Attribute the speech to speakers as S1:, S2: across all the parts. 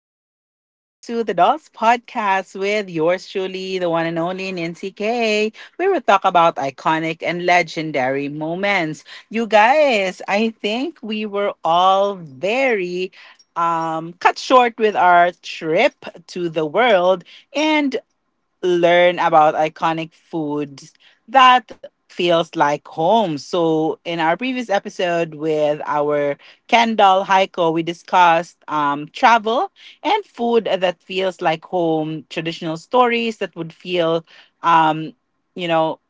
S1: Welcome back to the Dolls Podcast with yours truly, the one and only Nancy K., where we will talk about iconic and legendary moments. You guys, I think we were all very cut short with our trip to the world and learn about iconic foods that feels like home. So in our previous episode with our Kendall Heiko, we discussed travel and food that feels like home, traditional stories that would feel, um, you know,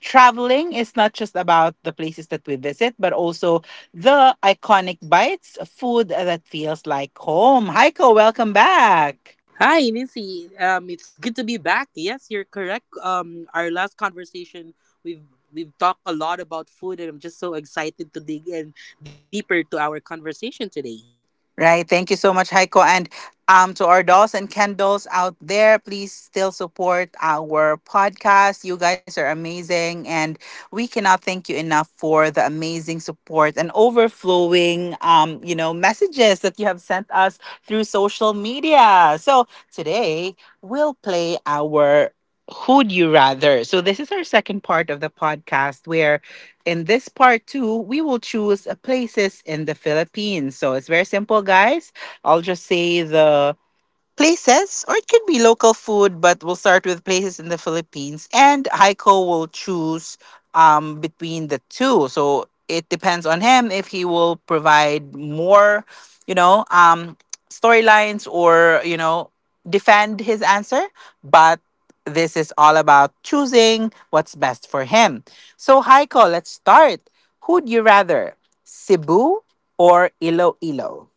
S1: traveling is not just about the places that we visit, but also the iconic bites, food that feels like home. Heiko, welcome back.
S2: Hi, Nancy. It's good to be back. Yes, you're correct. Our last conversation, we've we've talked a lot about food, and I'm just so excited to dig in deeper to our conversation today.
S1: Right. Thank you so much, Heiko. And to our dolls and candles out there, please still support our podcast. You guys are amazing, and we cannot thank you enough for the amazing support and overflowing, messages that you have sent us through social media. So today we'll play our Who'd You Rather. So this is our second part of the podcast where in this part two, we will choose places in the Philippines. So it's very simple, guys. I'll just say the places, or it could be local food, but we'll start with places in the Philippines. And Heiko will choose between the two. So it depends on him if he will provide more, you know, storylines or, you know, defend his answer. But this is all about choosing what's best for him. So, Heiko, let's start. Who'd you rather, Cebu or Iloilo?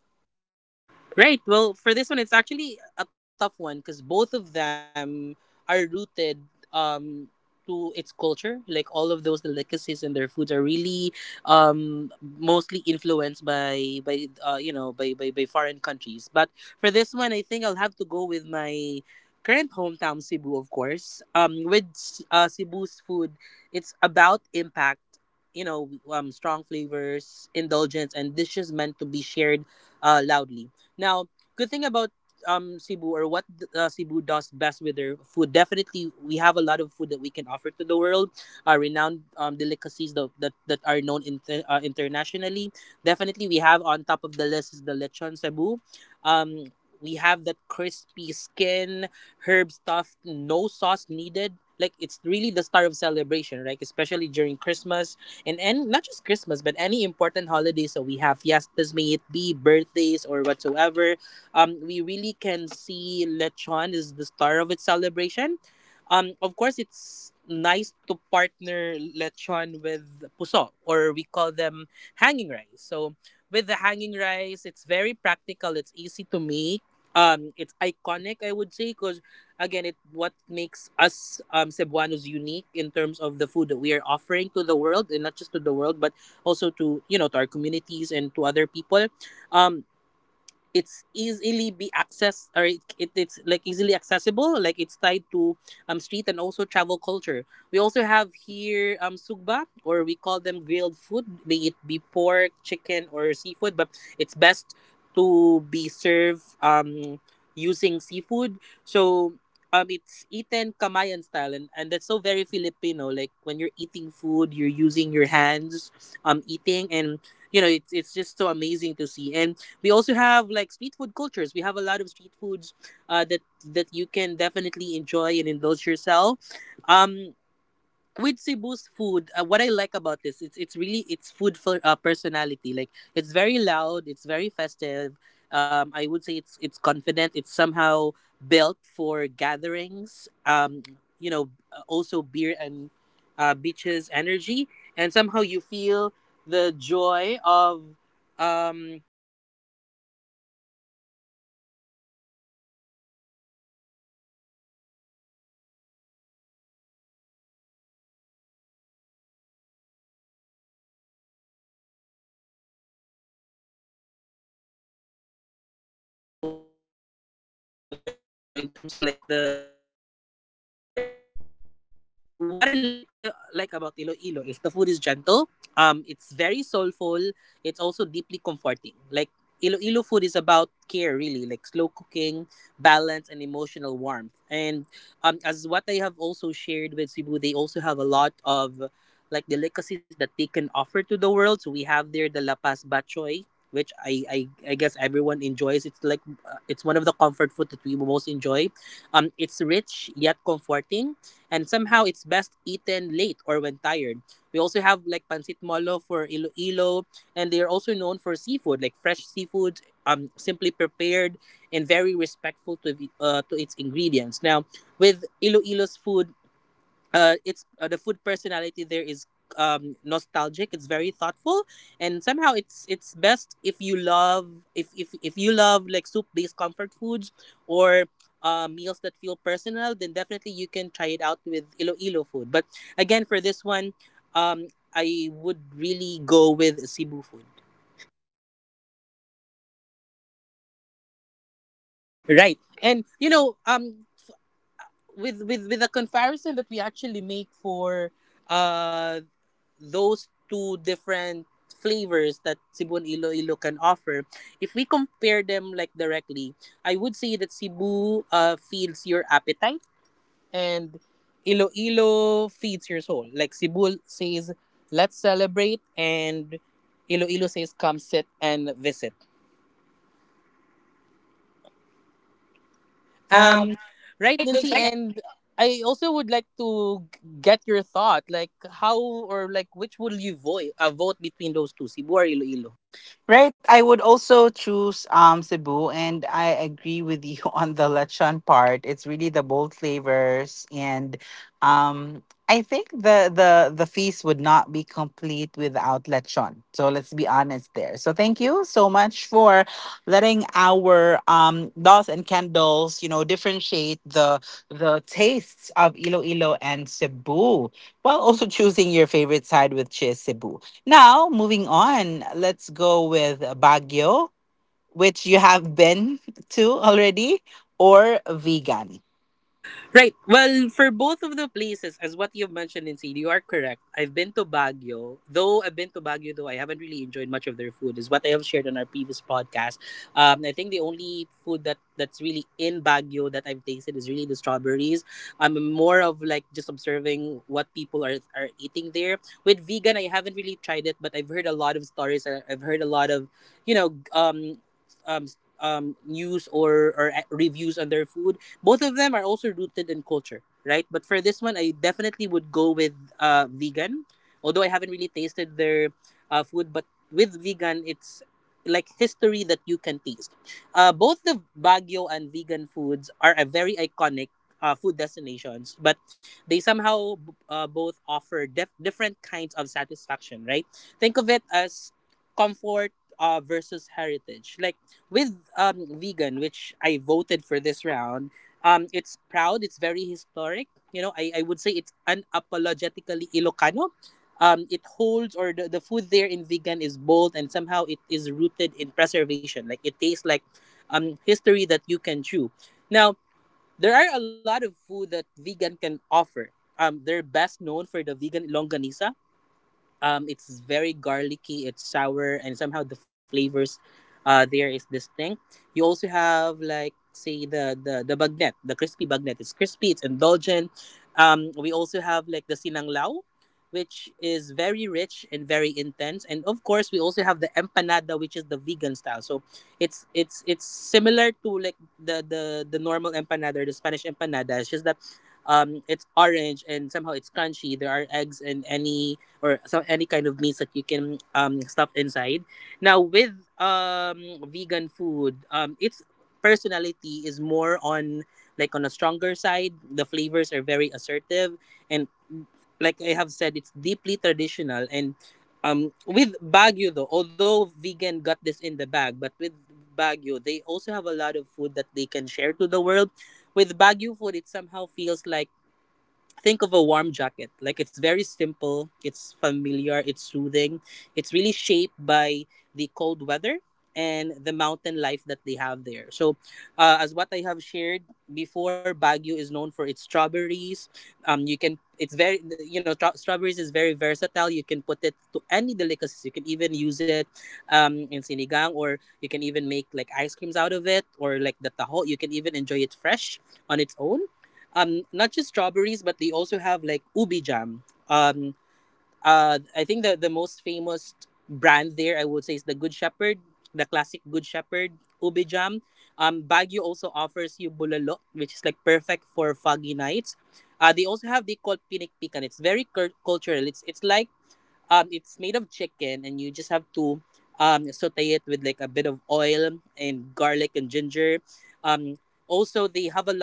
S2: Right. Well, for this one, it's actually a tough one because both of them are rooted um, to its culture. Like all of those delicacies and their foods are really mostly influenced by you know by foreign countries. But for this one, I think I'll have to go with my current hometown, Cebu, of course. With Cebu's food, it's about impact. Strong flavors, indulgence, and dishes meant to be shared loudly. Now, good thing about Cebu, or what Cebu does best with their food. Definitely, we have a lot of that we can offer to the world. Renowned delicacies that are known internationally. Definitely, we have on top of the list is the lechon Cebu. Um, we have that crispy skin, herb stuffed, no sauce needed. Like it's really the star of celebration, right? Especially during Christmas, in any, not just Christmas, but any important holiday. So we have fiestas, may it be birthdays or whatsoever. We really can see lechon is the star of its celebration. Of course, it's nice to partner lechon with puso, or we call them hanging rice. So with the hanging rice, it's very practical. It's easy to make. It's iconic, I would say, 'cause again it what makes us cebuanos unique in terms of the food that we are offering to the world, and not just to the world. But
S3: We also have here sugba, or we call them grilled food, be it be pork, chicken or seafood, but it's best to be served using seafood. So it's eaten Kamayan style, and that's so very Filipino. Like when you're eating food, you're using your hands eating, and it's just so amazing to see. And we also have like street food cultures. We have a lot of street foods that you can definitely enjoy and indulge yourself. Um with Cebu's food, what I like about this, it's really it's food for personality. Like it's very loud, it's very festive. I would say it's confident. It's somehow built for gatherings. Also beer and beaches energy, and somehow you feel the joy of um
S2: Iloilo has a very, you know, in terms of like the taste whatsoever, what I like about Iloilo is the food is gentle. It's very soulful. It's also deeply comforting. Like Iloilo food is about care, really, like slow cooking, balance, and emotional warmth. And as what I have also shared with Cebu, they also have a lot of like delicacies that they can offer to the world. So we have there the lapas bachoy, which I guess everyone enjoys. It's one of the comfort food that we most enjoy. It's rich yet comforting, and somehow it's best eaten late or when tired. We also have like pancit molo for Iloilo, and they are also known for seafood, like fresh seafood, simply prepared and very respectful to its ingredients. Now, with Iloilo's food, it's the food personality there is nostalgic. It's very thoughtful, and somehow it's best if you love like soup based comfort foods or meals that feel personal. Then definitely you can try it out with Iloilo food. But again, for this one, um, I would really go with Cebu food. Right. and you know. With the comparison that we actually make for uh those two different flavors that Cebu and Iloilo can offer, if we compare them like directly, I would say that Cebu feeds your appetite and Iloilo feeds your soul. Like Cebu says, let's celebrate, and Iloilo says, come sit and visit. Um, right,
S4: Right,
S2: Nancy,
S4: Lucy?
S2: and I also would like to get your thought, like how, or like, which will you vote? Vote between those two, Cebu or Iloilo?
S4: Right. I would also choose Cebu, and I agree with you on the lechon part. It's really the bold flavors, and I think the feast would not be complete without lechon. So let's be honest there. So thank you so much for letting our dolls and candles differentiate the tastes of Iloilo and Cebu, while also choosing your favorite side, which is Cebu. Now, moving on, let's go with Baguio, which you have been to already, or Vegan.
S2: Right. Well, for both of the places, as what you've mentioned in you are correct. I've been to Baguio. Though I've been to Baguio, though I haven't really enjoyed much of their food, is what I have shared on our previous podcast. I think the only food that's really in Baguio that I've tasted is really the strawberries. I'm more of like just observing what people are eating there. With vegan, I haven't really tried it, but I've heard a lot of stories. I've heard a lot of, you know, um, um, news or reviews on their food. Both of them are also rooted in culture, right? But for this one, I definitely would go with vegan. Although I haven't really tasted their food, but with vegan, it's like history that you can taste. Both the Baguio and vegan foods are a very iconic food destinations, but they somehow both offer different kinds of satisfaction, right? Think of it as comfort versus heritage. Like with vegan, which I voted for this round, it's proud. It's very historic. You know, I would say it's unapologetically Ilocano. It holds, or the food there in vegan is bold, and somehow it is rooted in preservation. Like it tastes like history that you can chew. Now, there are a lot of food that vegan can offer. They're best known for the vegan longanisa. It's very garlicky. It's sour, and somehow the flavors, there is distinct. You also have like say the bagnet, the crispy bagnet. It's crispy. It's indulgent. We also have like the sinanglao, which is very rich and very intense. And of course, we also have the empanada, which is the vegan style. So it's similar to like the normal empanada or the Spanish empanada. It's just that it's orange, and somehow it's crunchy. There are eggs and any, or so any kind of meats that you can stuff inside. Now with vegan food, its personality is more on like on a stronger side. The flavors are very assertive, and like I have said, it's deeply traditional. And with Baguio though, although vegan got this in the bag, but with Baguio, they also have a lot of food that they can share to the world. With Baguio food, it somehow feels like think of a warm jacket. Like it's very simple, it's familiar, it's soothing. It's really shaped by the cold weather and the mountain life that they have there. So, as what I have shared before, Baguio is known for its strawberries. You can it's very you know tra- Strawberries is very versatile. You can put it to any delicacies. You can even use it in sinigang, or you can even make like ice creams out of it, or like the taho. You can even enjoy it fresh on its own. Not just strawberries, but they also have like ubi jam. Um uh i think the most famous brand there, I would say, is the Good Shepherd, the classic Good Shepherd ubi jam. Baguio also offers you bulalo, which is like perfect for foggy nights. They also have the called pinik pican. It's very cultural. It's made of chicken, and you just have to saute it with like a bit of oil and garlic and ginger. um Also, they have a,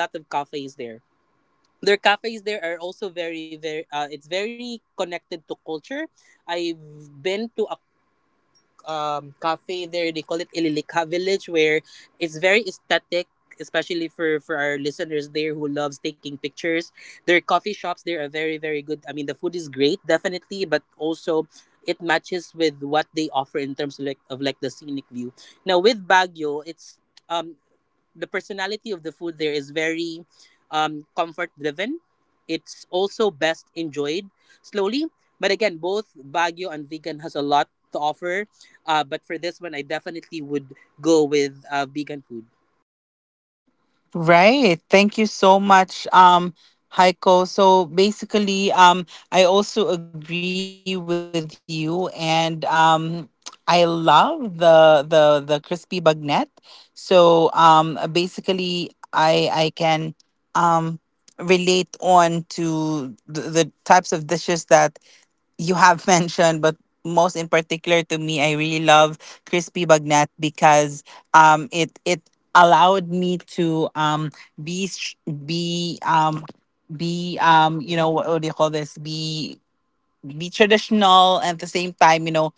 S2: especially for our listeners there who loves taking pictures, their coffee shops there are very very good. I mean, the food is great definitely, but also it matches with what they offer in terms of like the scenic view. Now with Baguio, it's um the personality of the food there is very comfort driven. It's also best enjoyed slowly. But again, both Baguio and vegan has a lot to offer, but for this one, I definitely would go with vegan food.
S4: Right. Thank you so much, Heiko. So basically, I also agree with you, and I love the crispy bagnet. So basically, I can um relate on to the types of dishes that you have mentioned, but most in particular to me, I really love crispy bagnat because it allowed me to be sh- be um be you know what do you call this, be traditional, and at the same time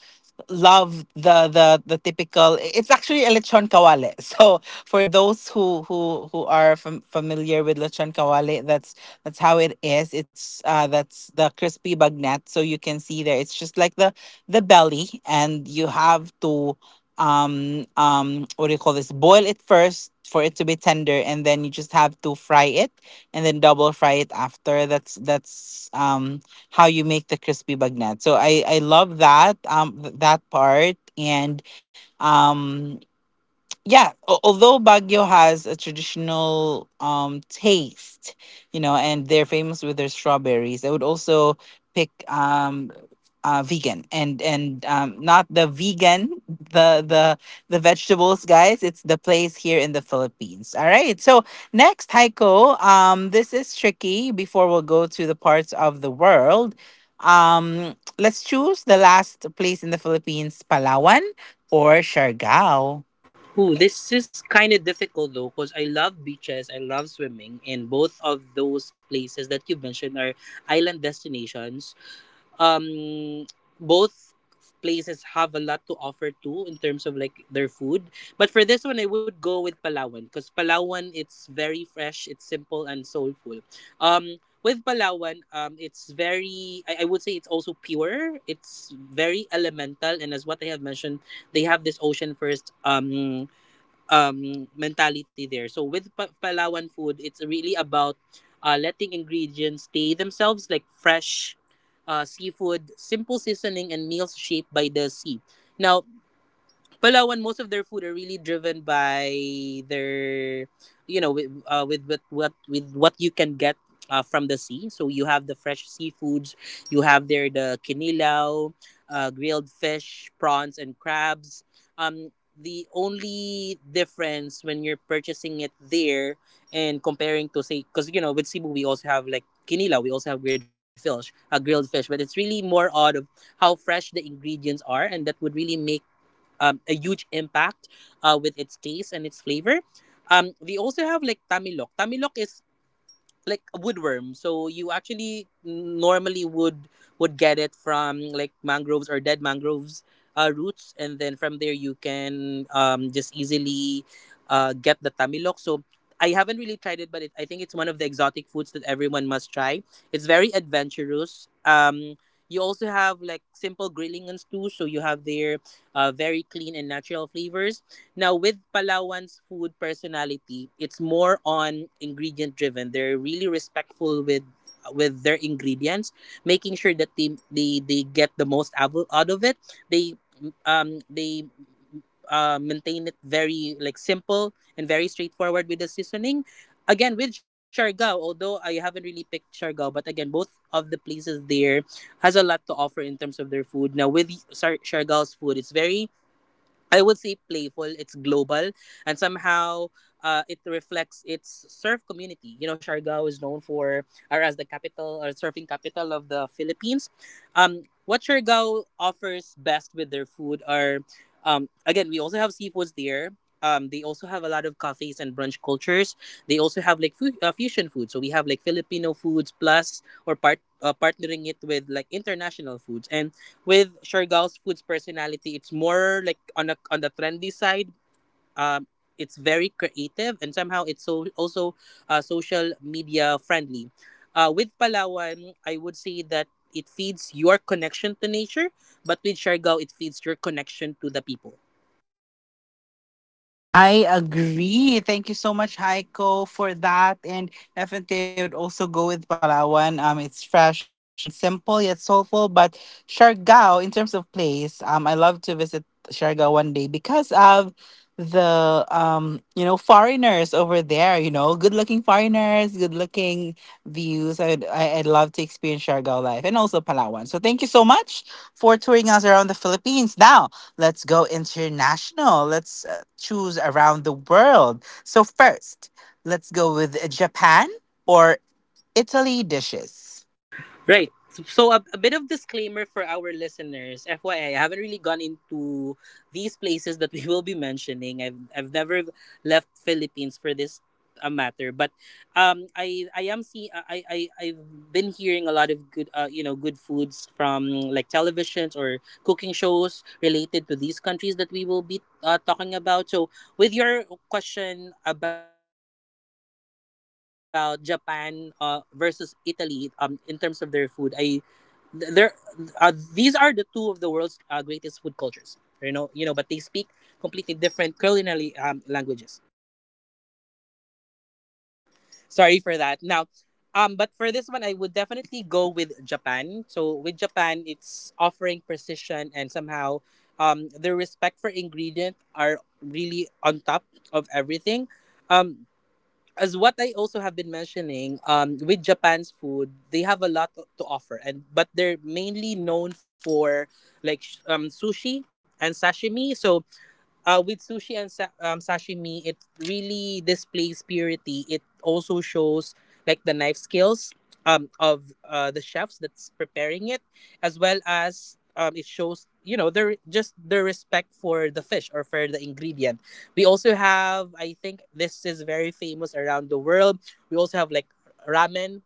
S4: love the typical. It's actually a lechon kawale. So for those who are familiar with lechon kawale, that's how it is. It's uh that's the crispy bagnet. So you can see there, it's just like the belly, and you have to what do you call this, boil it first for it to be tender, and then you just have to fry it and then double fry it after. That's how you make the crispy bagnet. So I love that that part. And um yeah, although Baguio has a traditional taste and they're famous with their strawberries. I would also pick Vegan. And not the Vegan, the vegetables, guys, it's the place here in the Philippines. All right, so next, Heiko, this is tricky. Before we'll go to the parts of the world, let's choose the last place in the Philippines: Palawan or Siargao?
S2: Ooh, this is kind of difficult though, because I love beaches, I love swimming, and both of those places that you mentioned are island destinations. um Both places have a lot to offer too in terms of like their food, but for this one, I would go with Palawan because Palawan, it's very fresh, it's simple and soulful. um with Palawan, it's very, I would say it's also pure. It's very elemental, and as what I have mentioned, they have this ocean first mentality there. So with Palawan food, it's really about letting ingredients stay themselves, like fresh seafood, simple seasoning, and meals shaped by the sea. Now, Palawan, most of their food are really driven by their, you know, with what you can get from the sea. So you have the fresh seafoods, you have there the kinilaw, grilled fish, prawns, and crabs. The only difference when you're purchasing it there and comparing to say, because you know, with Cebu we also have like kinilaw, we also have grilled fish, but it's really more odd of how fresh the ingredients are, and that would really make a huge impact with its taste and its flavor. They also have like tamilok. Tamilok is like a woodworm. So you actually normally would get it from like mangroves or dead mangroves roots, and then from there you can just easily get the tamilok. So I haven't really tried it, but I think it's one of the exotic foods that everyone must try. It's very adventurous. You also have like simple grilling and stews, so you have their very clean and natural flavors. Now, with Palawan's food personality, it's more on ingredient driven. They're really respectful with their ingredients, making sure that they get the most out of it. They they maintain it very like simple and very straightforward with the seasoning. Again, with Siargao, although I haven't really picked Siargao, but again, both of the places there has a lot to offer in terms of their food. Now, with Siargao's food, it's very I would say playful. It's global, and somehow it reflects its surf community. You know, Siargao is known for, or as the capital or surfing capital of the Philippines. What Siargao offers best with their food are, again, we also have seafoods there. They also have a lot of cafes and brunch cultures. They also have like food, fusion food. So we have like Filipino foods plus or part partnering it with like international foods. And with Shergal's food's personality, it's more like on a on the trendy side. Um, it's very creative and somehow it's so also social media friendly. With Palawan, I would say that it feeds your connection to nature, but with Siargao, it feeds your connection to the people.
S4: I agree. Thank you so much, Heiko, for that. And definitely, I would also go with Palawan. It's fresh and simple yet soulful. But Siargao, in terms of place, I love to visit Siargao one day because of the foreigners over there. You know, good-looking foreigners, good-looking views. I'd love to experience Siargao life and also Palawan. So thank you so much for touring us around the Philippines. Now, let's go international. Let's choose around the world. So, first, let's go with Japan or Italy dishes.
S2: Right. So a bit of disclaimer for our listeners. FYI, I haven't really gone into these places that we will be mentioning. I've never left Philippines for this a matter, but I am see I I've been hearing a lot of good you know good foods from like televisions or cooking shows related to these countries that we will be talking about. So with your question about Japan versus Italy in terms of their food, I th- there these are the two of the world's greatest food cultures, you know, but they speak completely different culinary languages. Sorry for that. Now, but for this one, I would definitely go with Japan. So with Japan, it's offering precision and somehow their respect for ingredient are really on top of everything. um as what I also have been mentioning, with Japan's food, they have a lot to offer, and but they're mainly known for like sushi and sashimi. So with sushi and sashimi, it really displays purity. It also shows like the knife skills of the chefs that's preparing it, as well as it shows you know their just their respect for the fish or for the ingredient. We also have, I think, this is very famous around the world. We also have like ramen.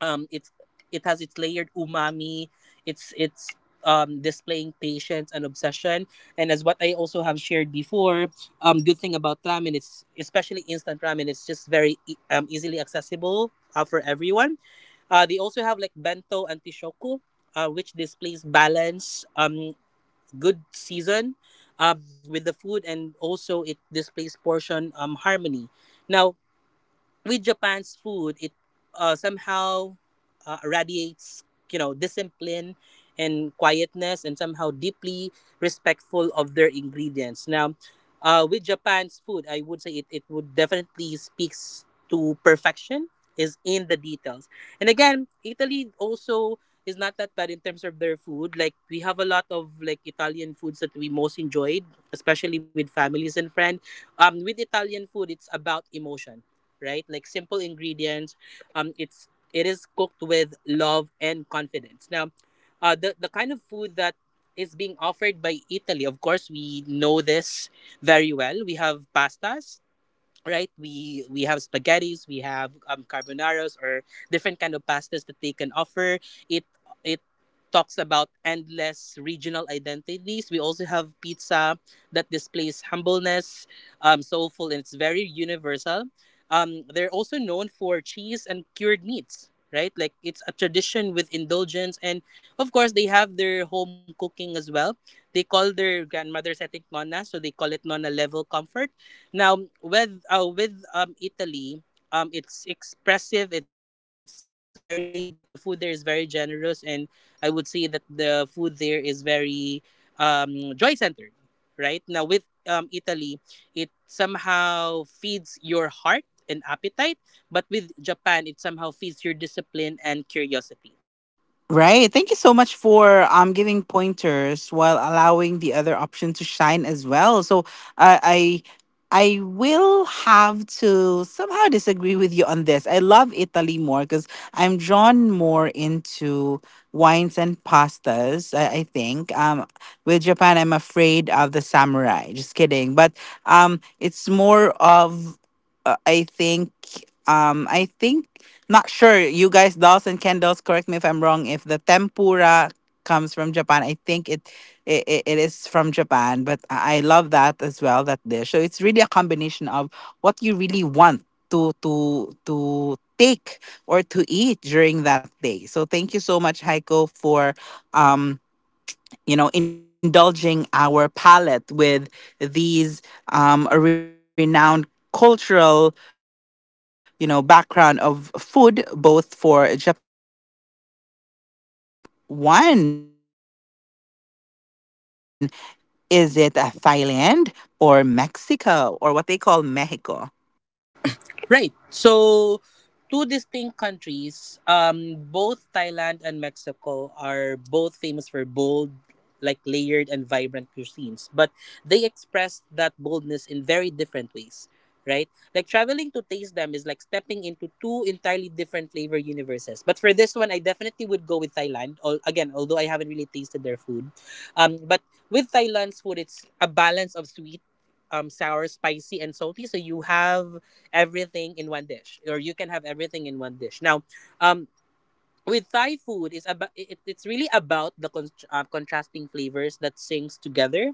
S2: It's it has its layered umami. It's displaying patience and obsession, and as what I also have shared before, good thing about ramen, it's especially instant ramen, it's just very easily accessible for everyone. They also have like bento and tishoku, which displays balance, good season uh, with the food, and also it displays portion harmony. Now with Japan's food, it somehow radiates, you know, discipline and quietness, and somehow deeply respectful of their ingredients. Now, with Japan's food, I would say it would definitely speaks to perfection is in the details. And again, Italy also is not that bad in terms of their food. Like we have a lot of like Italian foods that we most enjoyed, especially with families and friends. With Italian food, it's about emotion, right? Like simple ingredients. It is cooked with love and confidence. Now, the kind of food that is being offered by Italy, of course, we know this very well. We have pastas, right? We have spaghettis, we have carbonaras or different kind of pastas that they can offer. it it talks about endless regional identities. We also have pizza that displays humbleness, soulful, and it's very universal. They're also known for cheese and cured meats, right? Like it's a tradition with indulgence. And of course they have their home cooking as well. They call their grandmothers, I think nonna, so they call it nonna level comfort. Now with Italy, it's expressive. It's very like the food there is very generous, and I would say that the food there is very joy centered. Right now with Italy, it somehow feeds your heart and appetite, but with Japan, it somehow feeds your discipline and curiosity.
S4: Right. Thank you so much for giving pointers while allowing the other option to shine as well. So I I will have to somehow disagree with you on this. I love Italy more because I'm drawn more into wines and pastas. I think with Japan I'm afraid of the samurai. Just kidding. But it's more of, uh, I think um I think, not sure. You guys, dolls and candles, correct me if I'm wrong. If the tempura comes from Japan, I think it is from Japan. But I love that as well, that dish. So it's really a combination of what you really want to take or to eat during that day. So thank you so much, Heiko, for um indulging our palate with these renowned cultural background of food, both for Japan and Italy. Now let's move on to the second one. Is it Thailand or Mexico, or what they call Mexico?
S2: Right. So, two distinct countries. Both Thailand and Mexico are both famous for bold, like layered and vibrant cuisines, but they express that boldness in very different ways. Right? Like traveling to taste them is like stepping into two entirely different flavor universes. But for this one, I definitely would go with Thailand. Again, although I haven't really tasted their food. But with Thailand's food, it's a balance of sweet, sour, spicy, and salty. So you have everything in one dish, or you can have everything in one dish. Now, um, with Thai food is about it's really about the contrasting flavors that sings together.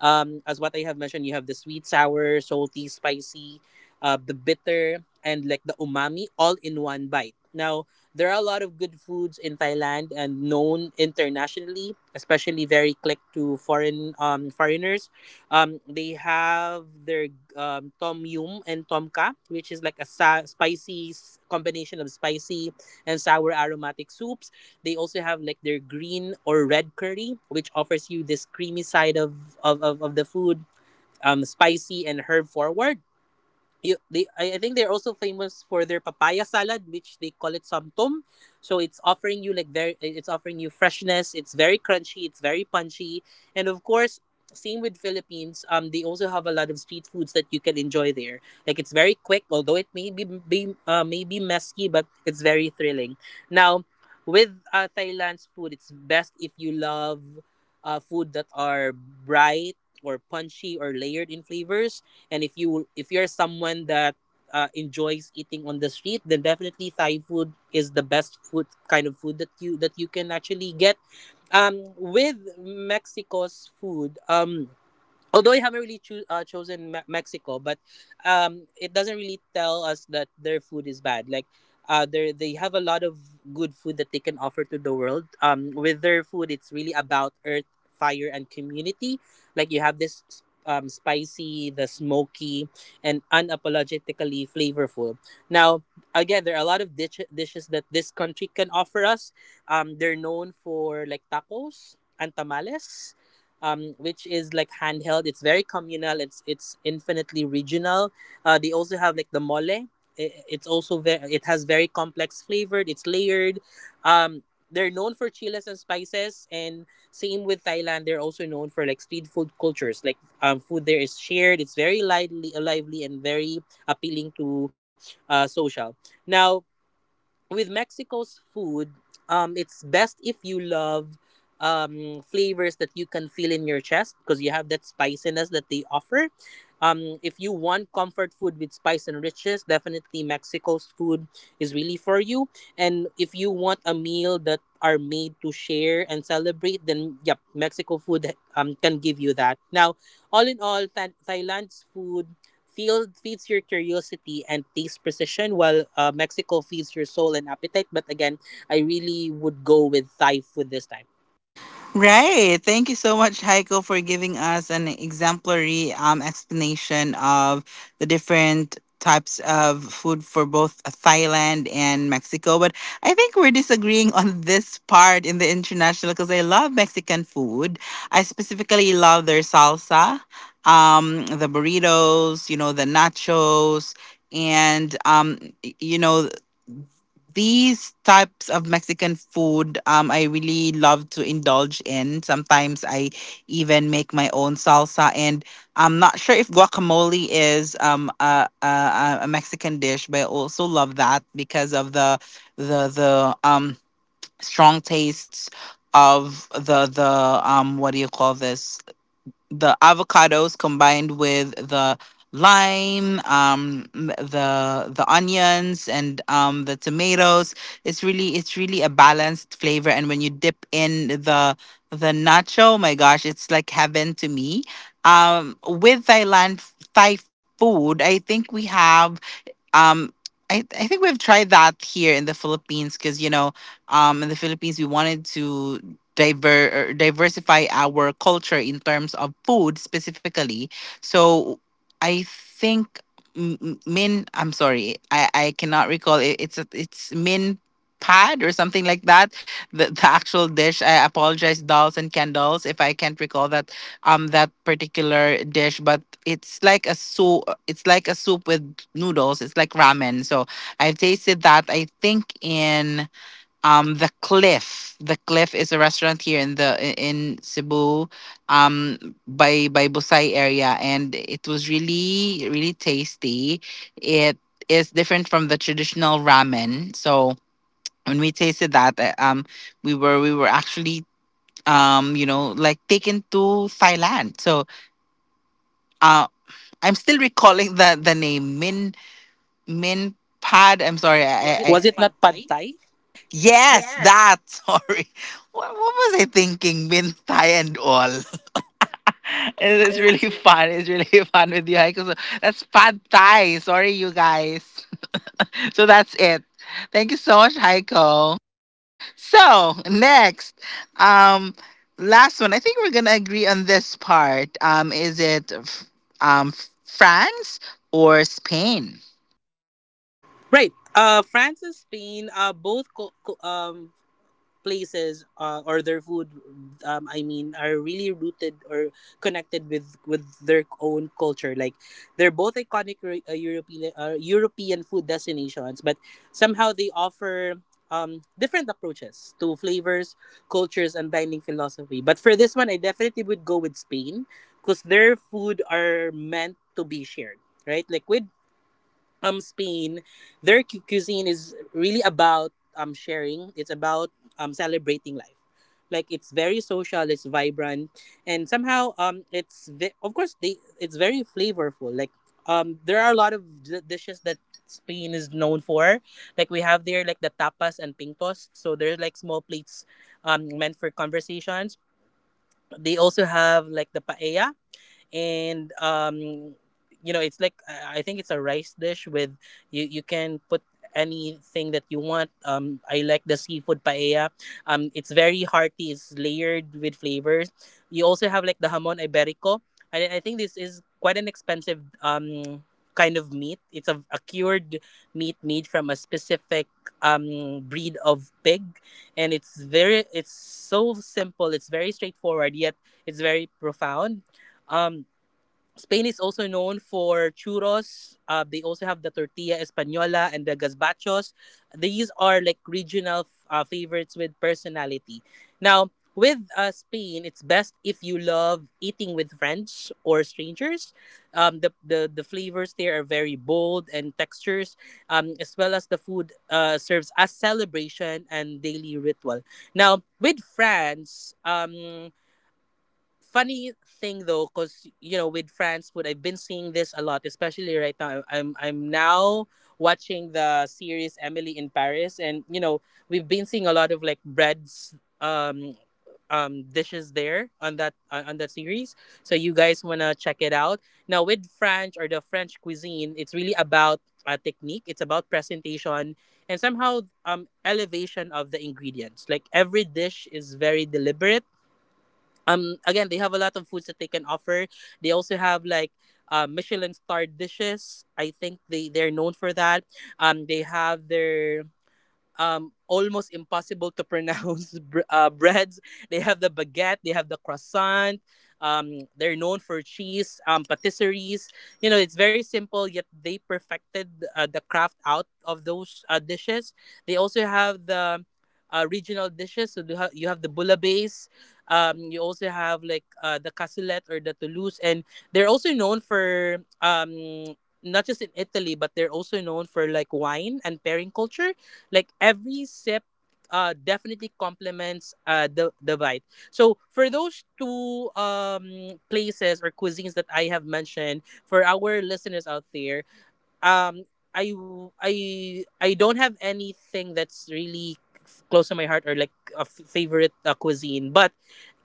S2: As what I have mentioned, you have the sweet, sour, salty, spicy, the bitter, and like the umami all in one bite. Now there are a lot of good foods in Thailand and known internationally, especially very click to foreign foreigners. They have their tom yum and tom ka, which is like a spicy combination of spicy and sour aromatic soups. They also have like their green or red curry, which offers you this creamy side of the food, spicy and herb forward. I think they're also famous for their papaya salad, which they call it samtum. So it's offering you like very, it's offering you freshness. It's very crunchy, it's very punchy. And of course, same with Philippines, they also have a lot of street foods that you can enjoy there. Like it's very quick, although it may be, may be messy, but it's very thrilling. Now with Thailand's food, it's best if you love food that are bright or punchy or layered in flavors. And if you if you're someone that enjoys eating on the street, then definitely Thai food is the best food kind of food that you can actually get. With Mexico's food, although I haven't really chosen Mexico, but it doesn't really tell us that their food is bad. Like, they have a lot of good food that they can offer to the world. With their food, it's really about earth, fire, and community. Like you have this spicy, the smoky, and unapologetically flavorful. Now, again, there are a lot of dishes that this country can offer us. They're known for like tacos and tamales, which is like handheld. It's very communal. It's infinitely regional. They also have like the mole. It's also very, it has very complex flavored. It's layered. They're known for chiles and spices, and same with Thailand. They're also known for like street food cultures. Like food there is shared. It's very lively, lively, and very appealing to social. Now, with Mexico's food, it's best if you love flavors that you can feel in your chest, because you have that spiciness that they offer. If you want comfort food with spice and riches, definitely Mexico's food is really for you. And if you want a meal that are made to share and celebrate, then yep, Mexico food can give you that. Now, all in all, Thailand's food Field feeds your curiosity and taste precision, while Mexico feeds your soul and appetite. But again, I really would go with Thai food this time.
S4: Right. Thank you so much, Heiko, for giving us an exemplary explanation of the different types of food for both Thailand and Mexico. But I think we're disagreeing on this part in the international because I love Mexican food. I specifically love their salsa, the burritos the nachos. And you know these types of Mexican food, I really love to indulge in. Sometimes I even make my own salsa, and I'm not sure if guacamole is a Mexican dish, but I also love that because of the strong tastes of the what do you call this, the avocados combined with the lime, the onions, and the tomatoes. It's really, it's really, a balanced flavor. And when you dip in the nacho, oh my gosh, it's like heaven to me. With Thailand, Thai food, I think we have, um I think we've tried that here in the Philippines, because in the Philippines we wanted to diversify our culture in terms of food specifically. So I think, m- m- min I'm sorry, I cannot recall. It's min pad or something like that, the actual dish. I apologize, dolls and candles, if I can't recall that particular dish. But it's like a soup, it's like a soup with noodles, it's like ramen. So I've tasted that, I think, in the Cliff. The Cliff is a restaurant here in in Cebu, by Busay area, and it was really really tasty. It is different from the traditional ramen. So when we tasted that, we were actually like taken to Thailand. So uh I'm still recalling the name. Min Min Pad. I'm sorry. I,
S2: Oh,
S4: I,
S2: yeah.
S4: I
S2: Was it
S4: Pad
S2: not pad
S4: Thai?
S2: Thai?
S4: Yes,
S2: Yes,
S4: that. Sorry. What was I thinking? Min Thai and all. It's
S2: it is
S4: really
S2: really
S4: fun. It's really fun with you, Heiko. So that's Pad Thai. Sorry, you guys. So that's it. Thank you so much, Heiko. So next, um, last one. I think we're gonna agree on this part. Is it um France or Spain?
S2: right. France and Spain both places or their food are really rooted or connected with their own culture, like they're both iconic european, european food destinations, but somehow they offer different approaches to flavors, cultures and dining philosophy. But for this one, I definitely would go with Spain because their food are meant to be shared, right? Like with Spain, their cuisine is really about sharing. It's about celebrating life. Like it's very social, it's vibrant, and somehow it's of course they it's very flavorful. Like there are a lot of dishes that Spain is known for. Like we have there like the tapas and pintos. So there's like small plates meant for conversations. They also have like the paella, and you know, it's like I think it's a rice dish with you can put anything that you want. I like the seafood paella. It's very hearty, it's layered with flavors. You also have like the jamon iberico. I think this is quite an expensive kind of meat. It's a cured meat made from a specific breed of pig, and it's very, it's so simple, it's very straightforward yet it's very profound. um Spain is also known for churros. They also have the tortilla española and the gazpachos. These are like regional favorites with personality. Now, with Spain, it's best if you love eating with friends or strangers. The flavors there are very bold, and textures, as well as the food serves as celebration and daily ritual. Now, with France, funny thing though, because you know, with France food, I've been seeing this a lot, especially right now. I'm now watching the series Emily in Paris, and you know, we've been seeing a lot of like breads, um, dishes there on that series. So you guys wanna check it out. Now with French or the French cuisine, it's really about technique. It's about presentation and somehow elevation of the ingredients. Like every dish is very deliberate. Again, they have a lot of foods that they can offer. They also have like michelin star dishes. I think they're known for that. They have their almost impossible to pronounce breads. They have the baguette, they have the croissant. They're known for cheese, patisseries. You know, it's very simple, yet they perfected the craft out of those dishes. They also have the regional dishes. So you have the bouillabaisse. You also have like the cassoulet or the Toulouse, and they're also known for not just in Italy, but they're also known for like wine and pairing culture. Like every sip definitely complements the bite. So for those two places or cuisines that I have mentioned for our listeners out there, um I I don't have anything that's really close to my heart or like a favorite cuisine, but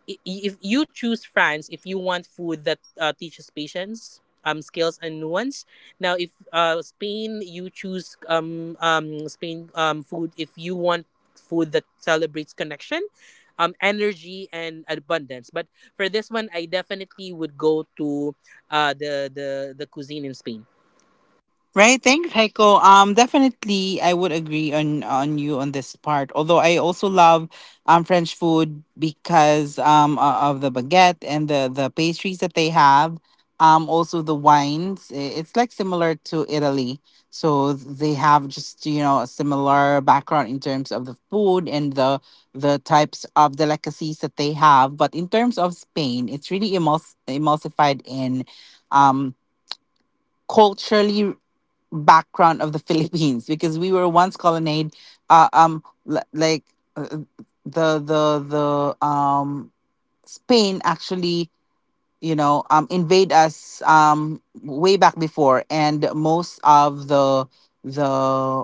S2: if you choose France, if you want food that teaches patience, skills and nuance. Now, if Spain, you choose Spain food, if you want food that celebrates connection, energy and abundance. But for this one, I definitely would go to uh, the the the cuisine in Spain.
S4: Right, thanks, Heiko. Definitely, I would agree on you on this part. Although I also love French food because of the baguette and the pastries that they have. Also the wines. It's like similar to Italy, so they have just a similar background in terms of the food and the types of delicacies that they have. But in terms of Spain, it's really emulsified in um culturally background of the Philippines because we were once colonized. Uh, um, like uh, the Spain actually, invade us way back before, and most of the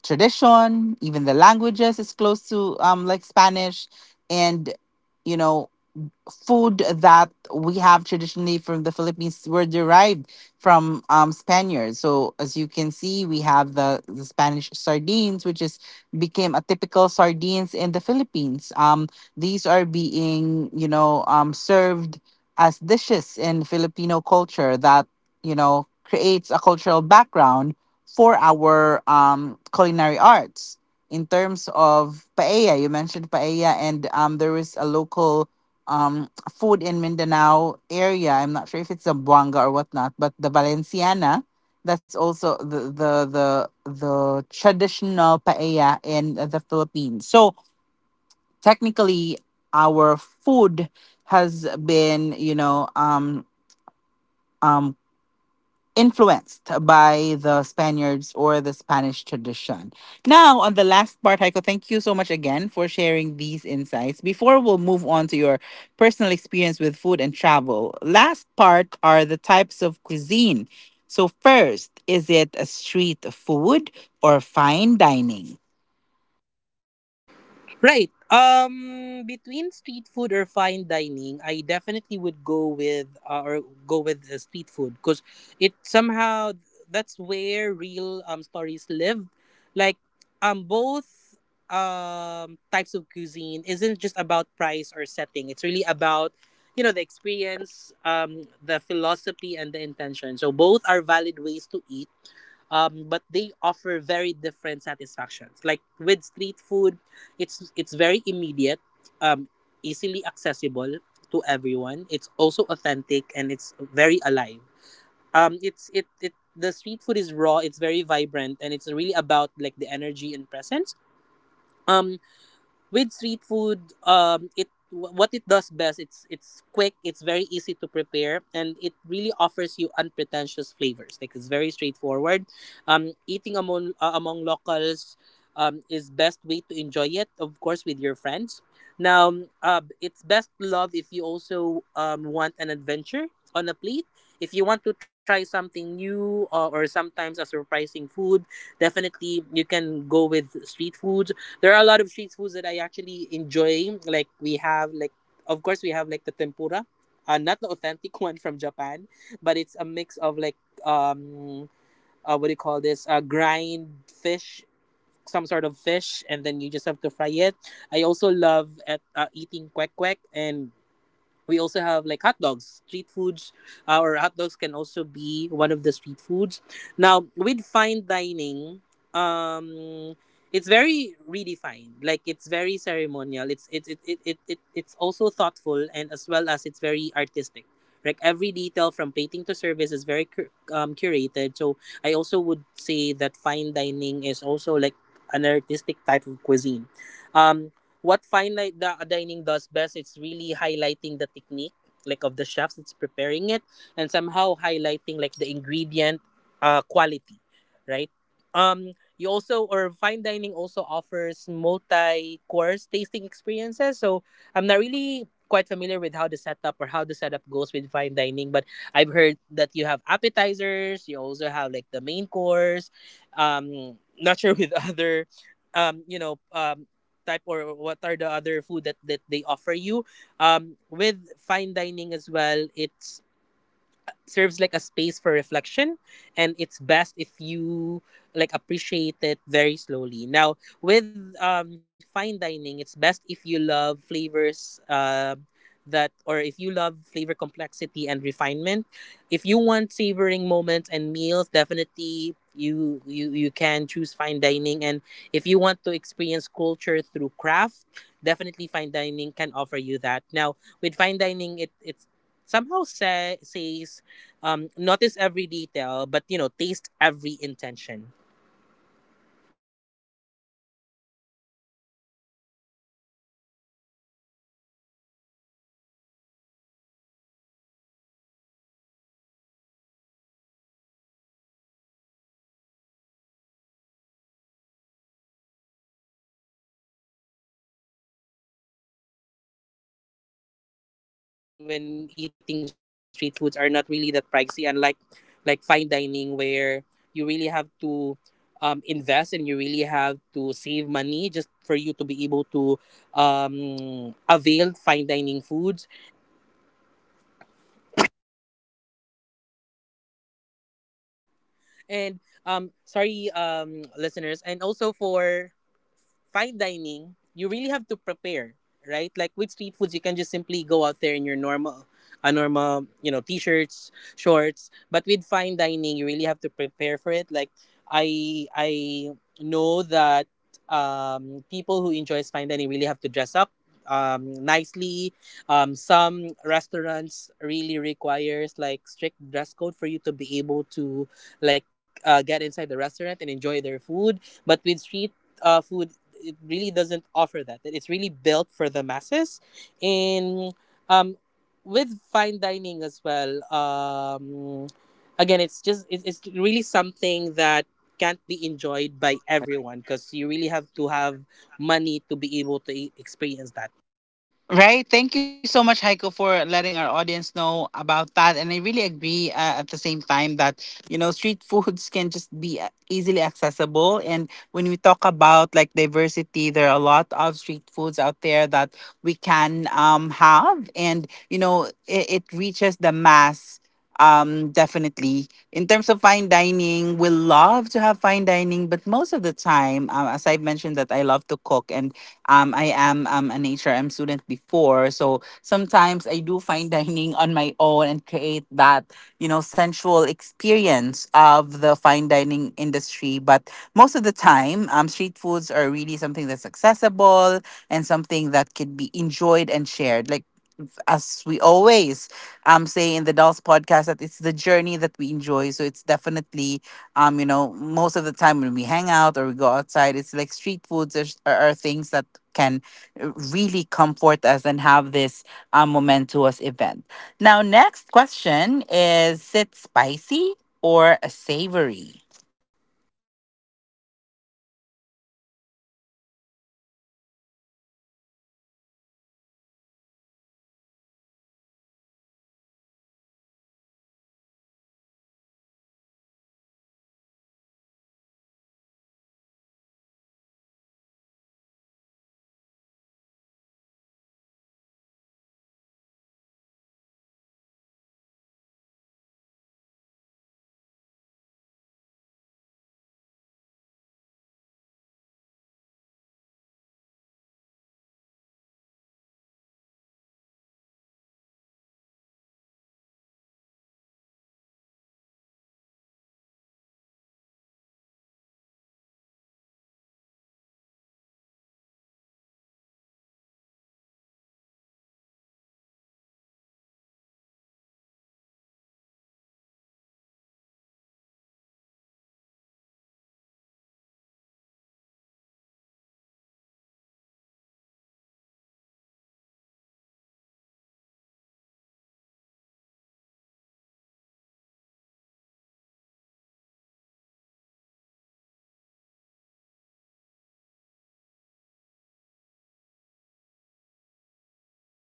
S4: tradition, even the languages, is close to like Spanish, and you know food that we have traditionally from the Philippines were derived from Spaniards. So as you can see, we have the Spanish sardines, which is became a typical sardines in the Philippines. These are being served as dishes in Filipino culture that you know creates a cultural background for our culinary arts. In terms of paella, you mentioned paella, and there was a local food in Mindanao area. I'm not sure if it's a buanga or whatnot, but the Valenciana, that's also the traditional paella in the Philippines. So technically, our food has been um influenced by the Spaniards or the Spanish tradition. Now, on the last part, Heiko, thank you so much again for sharing these insights. Before we'll move on to your personal experience with food and travel, last part are the types of cuisine. So, first, is it a street food or fine dining?
S2: Right. Between street food or fine dining, I definitely would go with street food, because it somehow, that's where real stories live. Like, both types of cuisine isn't just about price or setting. It's really about, you know, the experience, the philosophy and the intention. So both are valid ways to eat, but they offer very different satisfactions. Like with street food, it's very immediate, um, easily accessible to everyone. It's also authentic and it's very alive. It, the street food is raw. It's very vibrant and it's really about like the energy and presence. Um, with street food, it, what it does best, it's quick, it's very easy to prepare, and it really offers you unpretentious flavors. Like it's very straightforward, eating among among locals is best way to enjoy it, of course with your friends. Now it's best loved if you also want an adventure on a plate, if you want to try something new, or sometimes a surprising food, definitely you can go with street food. There are a lot of street foods that I actually enjoy. Like we have like, of course we have like the tempura. Not the authentic one from Japan, but it's a mix of like um what do you call this? Grind fish, some sort of fish, and then you just have to fry it. I also love at eating kwek kwek, and we also have like hot dogs street foods, or hot dogs can also be one of the street foods. Now with fine dining, um it's very redefined. Like it's very ceremonial, it's it, it's also thoughtful, and as well as it's very artistic. Like every detail from plating to service is very curated. So I also would say that fine dining is also like an artistic type of cuisine. um what fine dining does best, it's really highlighting the technique like of the chefs that's preparing it, and somehow highlighting like the ingredient quality, right? You also, or fine dining also offers multi course tasting experiences. So I'm not really quite familiar with how the setup, or how the setup goes with fine dining, but I've heard that you have appetizers, you also have like the main course, not sure with other um you know um type, or what are the other food that they offer you with fine dining, as well it's serves like a space for reflection, and it's best if you like appreciate it very slowly. Now with fine dining, it's best if you love flavors that, or if you love flavor complexity and refinement. If you want savoring moments and meals, definitely you you can choose fine dining. And if you want to experience culture through craft, definitely fine dining can offer you that. Now with fine dining
S5: Taste every intention.
S6: The price when eating street foods are not really that pricey, unlike like fine dining where you really have to invest, and you really have to save money just for you to be able to avail fine dining foods. And sorry listeners, and also for fine dining, you really have to prepare, right? Like with street foods, you can just simply go out there in your normal, a normal, t-shirts, shorts. But with fine dining, you really have to prepare for it. Like I know that people who enjoys fine dining really have to dress up nicely. Some restaurants really requires like strict dress code for you to be able to like get inside the restaurant and enjoy their food. But with street food, it really doesn't offer that. It's really built for the masses, and um, with fine dining as well. Again, it's just it's really something that can't be enjoyed by everyone, because you really have to have money to be able to experience that.
S1: Right. Thank you so much, Heiko, for letting our audience know about that. And I really agree at the same time that, you know, street foods can just be easily accessible. And when we talk about like diversity, there are a lot of street foods out there that we can have. And, you know, it reaches the mass. Definitely. In terms of fine dining, we love to have fine dining, but most of the time, as I've mentioned, that I love to cook, and I am an HRM student before, so sometimes I do fine dining on my own and create that, you know, sensual experience of the fine dining industry. But most of the time, street foods are really something that's accessible and something that could be enjoyed and shared. Like as we always say in the Dolls Podcast that it's the journey that we enjoy. So it's definitely most of the time when we hang out or we go outside, it's like street foods are, are things that can really comfort us and have this momentous event. Now, next question is: is it spicy or a savory?
S6: Right, spicy and savory. I would go with savory, because savory gives you like that depth kind of flavor. Both offers great taste, but it's just not about it, or it isn't about flavors. It's really about how food communicates with your senses and body. Like both are very essential, but they satisfy in every different way. Now, with savory, or we call it like umami flavor. It somehow satisfies and comforts. Like umami is often called the fifth taste. I don't know if the listeners knows that, because it gives like food a sense of completeness and richness. Now, what savory does best is it builds depth and richness in a dish, right? It also balances other flavors like sweet, sour, and spicy, and it's best if you love or you savory food are good for people if you love flavor that fills and lingers, if you love complex but approachable dishes, and if you love meals that feel wholesome and satisfying. Now with spicy food, I'm not really a big fan of spicy food. My my spice tolerance is really, really low. um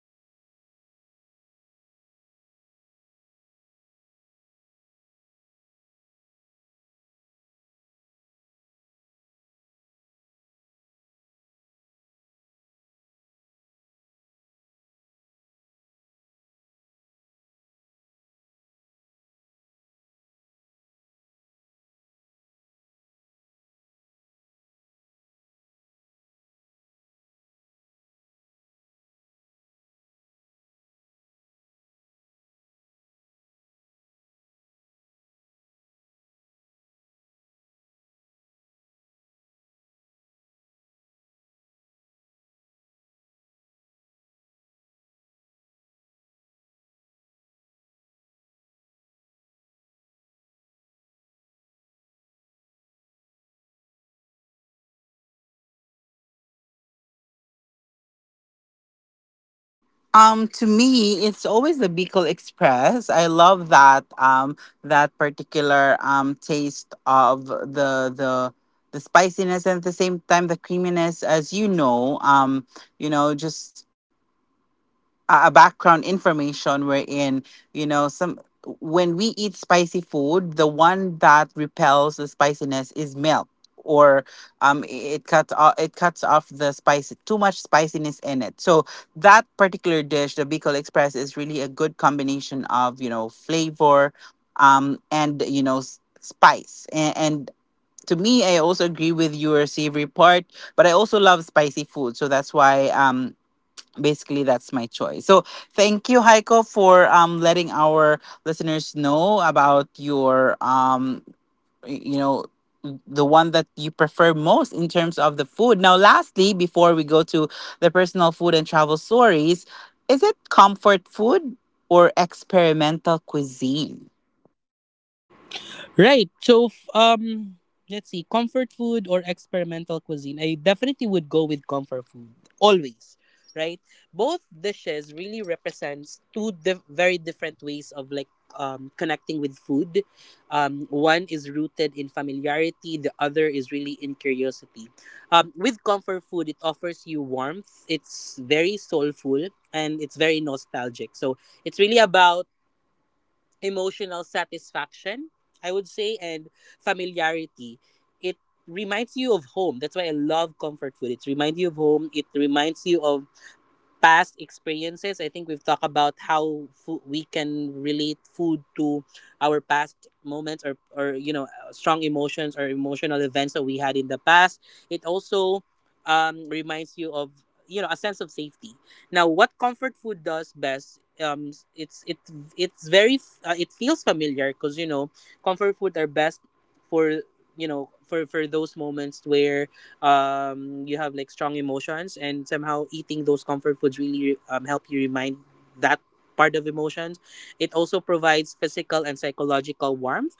S6: but with spicy, it really talks about heat. It symbolizes excitement. You know, a lot of emotions involved. It symbolizes intensity. It it activates the senses, and it creates a physical and emotional response. Right? Like it's thrilling, sometimes challenging and addictive. What spicy does best is it stimulates the taste buds and senses, because like I said, it really offers you like a very strong, powerful flavor and intense flavor. It's create a mild rush, and also it adds excitement and edge to otherwise simple dishes. Um, if you are someone who love meals that make your tongue tingle, or if you love someone who has a sense of thrill in eating, or loves strong, immediate flavor impact, definitely spicy food is good for you. Now, Nancy, I would like to ask you though, like, oh, since we're talking about spicy food, what's your favorite spicy food?
S1: To me, it's always the Bicol Express. I love that that particular taste of the the spiciness and at the same time the creaminess. As you know, just a background information wherein, you know, some when eat spicy food, the one that repels the spiciness is milk or um i- it cuts off, it cuts off the spice, too much spiciness in it. So that particular dish, the Bicol Express, is really a good combination of, you know, flavor and, you know, spice. And to me, I also agree with your savory part, but also love spicy food. So that's why basically that's my choice. So thank you, Heiko, for letting our listeners know about your y- you know the one that you prefer most in terms of the food. Now lastly, before we go to the personal food and travel stories, is it comfort food or experimental cuisine?
S6: Right. So, let's see, comfort food or experimental cuisine. I definitely would go with comfort food always. Right. Both dishes really represents two very different ways of like connecting with food. One is rooted in familiarity. The other is really in curiosity. With comfort food, it offers you warmth. It's very soulful and it's very nostalgic. So it's really about emotional satisfaction, I would say, and familiarity. It reminds you of home. That's why I love comfort food. It reminds you of home. It reminds you of past experiences. I think we've talked about how food, we can relate food to our past moments, or strong emotions or emotional events that we had in the past. It also reminds you of, you know, a sense of safety. Now, what comfort food does best. It's it's very it feels familiar, because you know comfort food are best for, you know, for those moments where you have like strong emotions, and somehow eating those comfort foods really help you remind that part of emotions. It also provides physical and psychological warmth.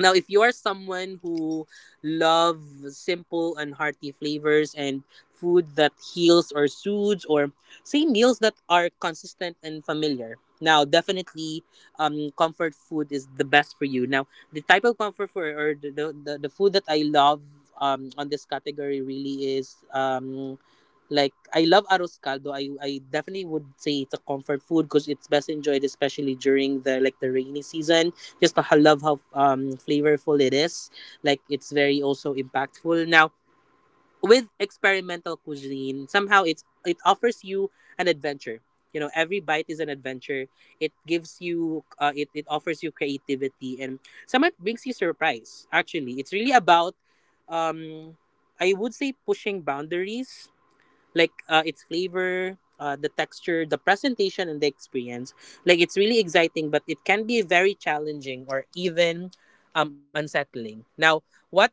S6: Now, if you are someone who loves simple and hearty flavors and food that heals or soothes, or say meals that are consistent and familiar, now definitely comfort food is the best for you. Now, the type of comfort food, or the food that I love on this category really is like I love arroz caldo. I definitely would say it's a comfort food, because it's best enjoyed especially during the like the rainy season. Just I love how flavorful it is. Like it's very also impactful. Now, with experimental cuisine, somehow it offers you an adventure. You know, every bite is an adventure. It gives you, it offers you creativity, and somehow it brings you surprise. Actually, it's really about, um, I would say, pushing boundaries, like its flavor, the texture, the presentation, and the experience. Like it's really exciting, but it can be very challenging or even unsettling. Now, what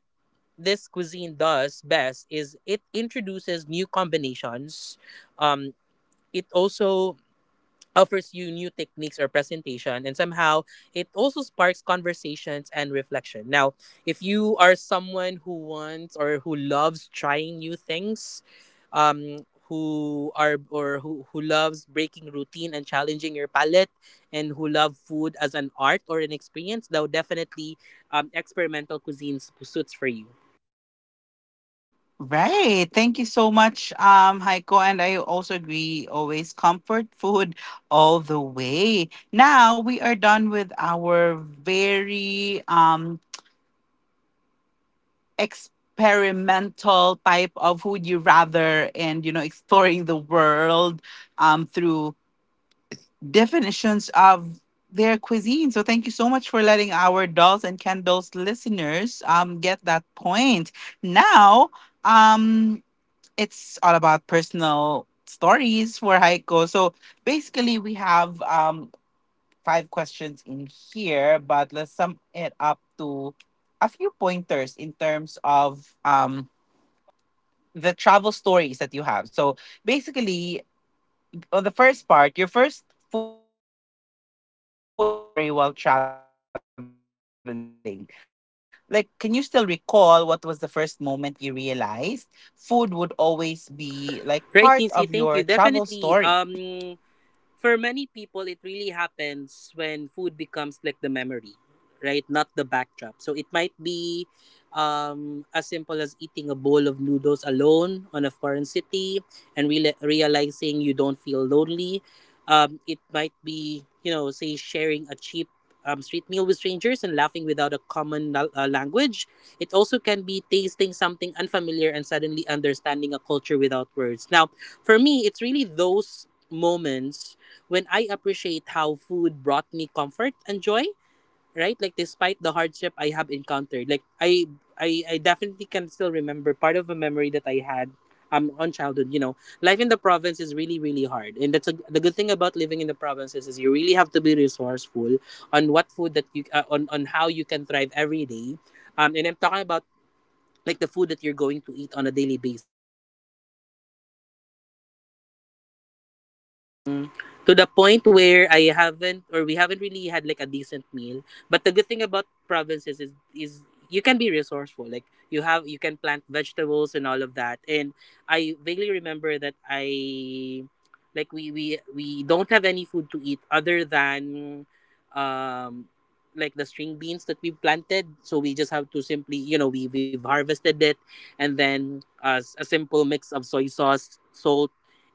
S6: this cuisine does best is it introduces new combinations. um, it also offers you new techniques or presentation, and somehow it also sparks conversations and reflection. Now, if you are someone who wants, or who loves trying new things, um, who are, or who loves breaking routine and challenging your palate, and who love food as an art or an experience, though definitely experimental cuisines suits for you.
S1: Right. Thank you so much, Heiko. And I also agree, always comfort food all the way. Now we are done with our very experimental type of who you rather, and, you know, exploring the world through definitions of their cuisine. So thank you so much for letting our dolls and candles listeners get that point. Now um it's all about personal stories for Heiko. So basically, we have five questions in here, but let's sum it up to a few pointers in terms of the travel stories that you have. So basically, on the first part, your first food memory while traveling. Like, can you still recall what was the first moment you realized food would always be like part of your travel story?
S6: Right, Nisi, thank you. Definitely. For many people, it really happens when food becomes like the memory, right? Not the backdrop. So it might be as simple as eating a bowl of noodles alone on a foreign city and realizing you don't feel lonely. It might be, you know, say, sharing a cheap street meal with strangers and laughing without a common language. It also can be tasting something unfamiliar and suddenly understanding a culture without words. Now, for me, it's really those moments when I appreciate how food brought me comfort and joy, right? Like despite the hardship I have encountered. Like I definitely can still remember part of a memory that I had on childhood, you know. Life in the province is really, really hard. And that's a, the good thing about living in the provinces is you really have to be resourceful on what food that you on how you can thrive every day. And I'm talking about like the food that you're going to eat on a daily basis
S7: To the point where I haven't, or we haven't really had like a decent meal. But the good thing about provinces is you can be resourceful. Like you can plant vegetables and all of that. And I vaguely remember that I like we don't have any food to eat other than um the string beans that we planted, so we just have to simply, you know, we've harvested it, and then a simple mix of soy sauce, salt,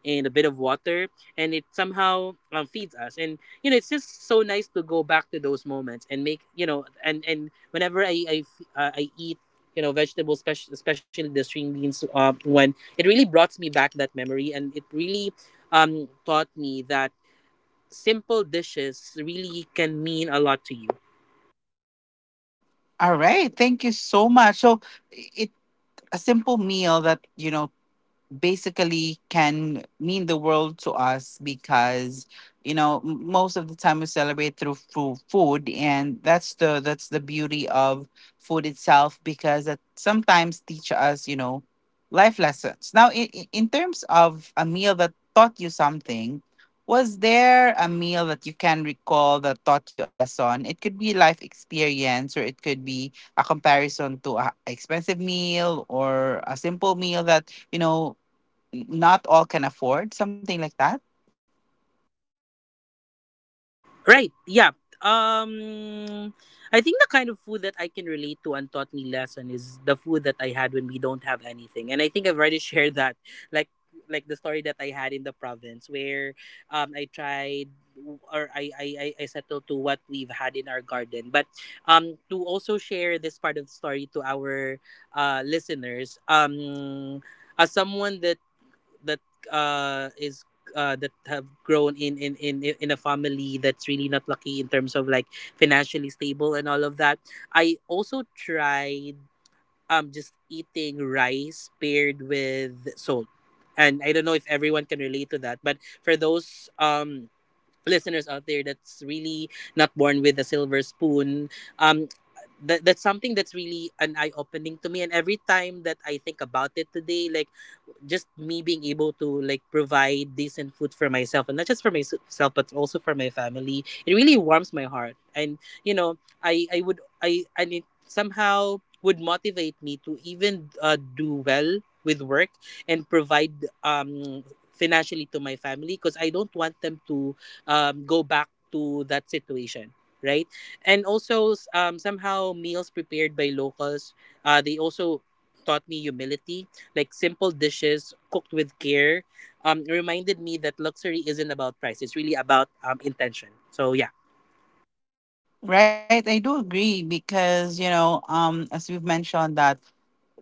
S7: and a bit of water, and it somehow feeds us. And you know, it's just so nice to go back to those moments and make, you know, and whenever I eat, you know, vegetables, especially the string beans, one, it really brought me back that memory, and it really taught me that simple dishes really can mean a lot to you.
S1: All right. Thank you so much. So it a simple meal that, you know, basically can mean the world to us, because, you know, most of the time we celebrate through food, and that's the, that's the beauty of food itself, because it sometimes teach us, you know, life lessons. Now, in terms of a meal that taught you something, was there a meal that you can recall that taught you a lesson? It could be life experience, or it could be a comparison to a expensive meal or a simple meal that, you know, not all can afford, something like that.
S7: Right. Yeah. Um I think the kind of food that I can relate to and taught me lesson is the food that I had when we don't have anything. And I think I've already shared that. Like like the story that I had in the province where I tried, or I settled to what we've had in our garden. But to also share this part of the story to our listeners, as someone that is that have grown in a family that's really not lucky in terms of like financially stable and all of that, I also tried just eating rice paired with salt, and I don't know if everyone can relate to that, but for those listeners out there that's really not born with a silver spoon, um that's something that's really an eye opening to me. And every time that I think about it today, like just me being able to like provide decent food for myself, and not just for myself, but also for my family, it really warms my heart. And you know, I and it somehow would motivate me to even do well with work and provide um financially to my family, because I don't want them to go back to that situation. Right. And also somehow meals prepared by locals, they also taught me humility. Like simple dishes cooked with care, reminded me that luxury isn't about price. It's really about intention. So yeah.
S1: Right, I do agree, because, you know, um, as we've mentioned, that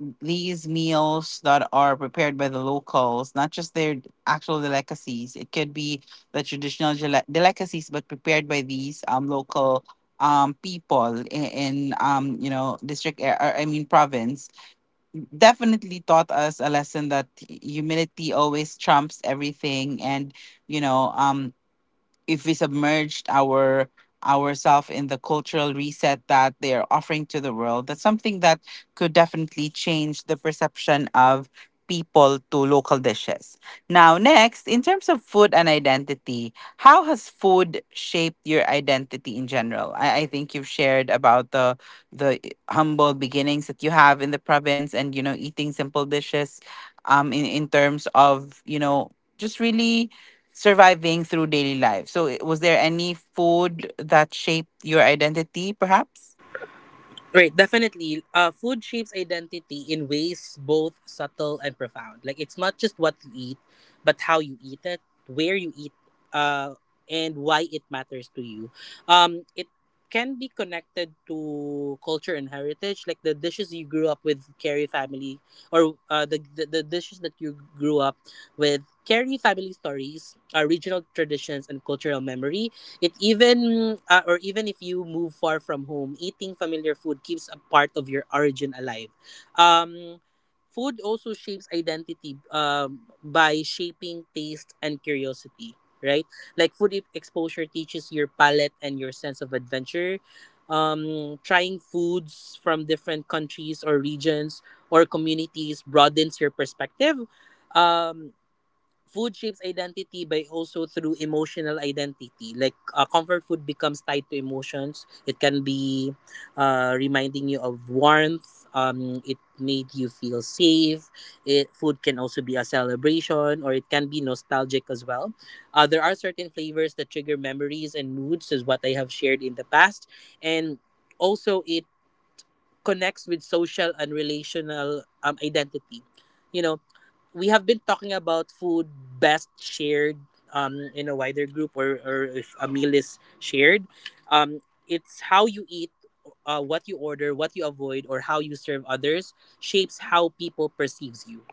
S1: these meals that are prepared by the locals, not just their actual delicacies, it could be the traditional delicacies, but prepared by these local people in you know, district, or I mean province, definitely taught us a lesson that humility always trumps everything. And, you know, if we submerged our ourselves in the cultural reset that they are offering to the world, that's something that could definitely change the perception of people to local dishes. Now next, in terms of food and identity, how has food shaped your identity in general? I think you've shared about the the humble beginnings that you have in the province, and, you know, eating simple dishes in terms of, you know, just really surviving through daily life. So, was there any food that shaped your identity, perhaps?
S7: Right, definitely. Food shapes identity in ways both subtle and profound. Like it's not just what you eat, but how you eat it, where you eat, uh, and why it matters to you. It can be connected to culture and heritage, like the dishes you grew up with carry family, or the dishes that you grew up with carry family stories, regional traditions, and cultural memory. It even, or even if you move far from home, eating familiar food keeps a part of your origin alive. Um, food also shapes identity by shaping taste and curiosity, right? Like food exposure teaches your palate and your sense of adventure. Trying foods from different countries or regions or communities broadens your perspective. Um, food shapes identity by also through emotional identity. Like comfort food becomes tied to emotions. It can be reminding you of warmth, it made you feel safe. It food can also be a celebration, or it can be nostalgic as well. There are certain flavors that trigger memories and moods, is what I have shared in the past. And also it connects with social and relational identity. You know, we have been talking about food best shared in a wider group, or if a meal is shared. Um, it's how you eat, what you order, what you avoid, or how you serve others shapes how people perceives you.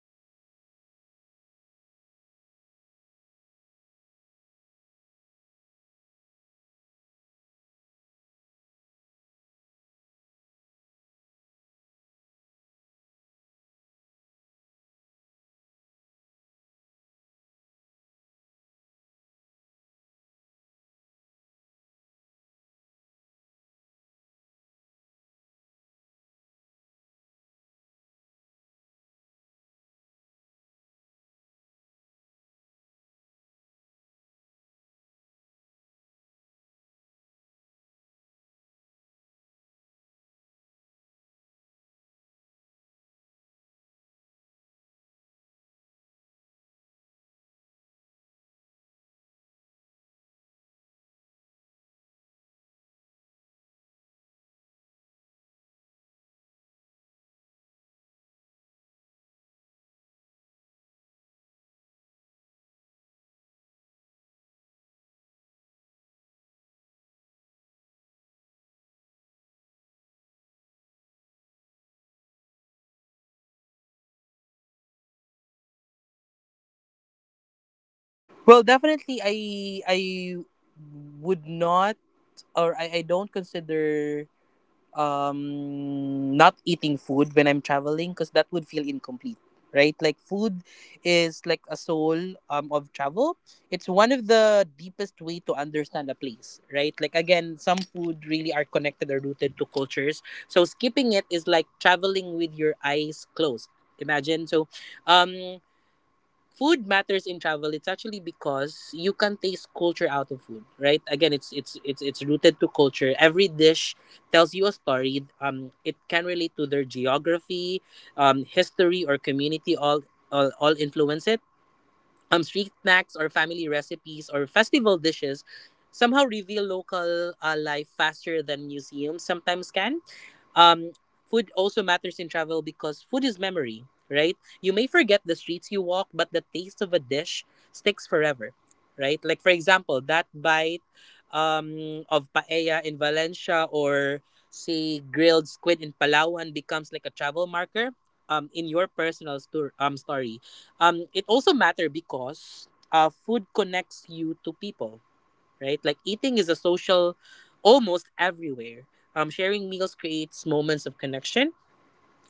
S1: Right, I totally agree. And sometimes, you know, food taught us to be more, you know, patient in terms of the process of it, how to make it, and definitely a gratitude in terms of like, perhaps the entire experience that, you know, it allows us to be more diverse, and it allows us to really taste the the goodness of life in general. So next, Heiko, in terms of traveling without food exploration, do you think or could you see yourself, you know, traveling without food exploration? Meaning, like, if you go to a different, you know, a city that has, you know, food that are well known, do you go for that well known food even if it's, you know, very exotic type of food, or do you choose like comfort food, because we've discussed in the past, I think in the part two, in terms of, you know, if it's comfort food or you explore your your options in the new destination. You mentioned that we want the comfort food, but you would you would also want to explore. So what is your take on that?
S7: Well, definitely, I would not, or I don't consider not eating food when I'm traveling, because that would feel incomplete, right? Like food is like a soul of travel. It's one of the deepest way to understand a place, right? Like again, some food really are connected or rooted to cultures. So skipping it is like traveling with your eyes closed. Imagine. So um food matters in travel. It's actually because you can taste culture out of food, right? Again, it's rooted to culture. Every dish tells you a story. Um, it can relate to their geography, history, or community. All influence it. Um, street snacks or family recipes or festival dishes somehow reveal local life faster than museums sometimes can. Um, food also matters in travel because food is memory, right? You may forget the streets you walk, but the taste of a dish sticks forever, right? Like, for example, that bite of paella in Valencia, or, say, grilled squid in Palawan becomes like a travel marker in your personal story. It also matters because food connects you to people, right? Like eating is a social almost everywhere. Sharing meals creates moments of connection,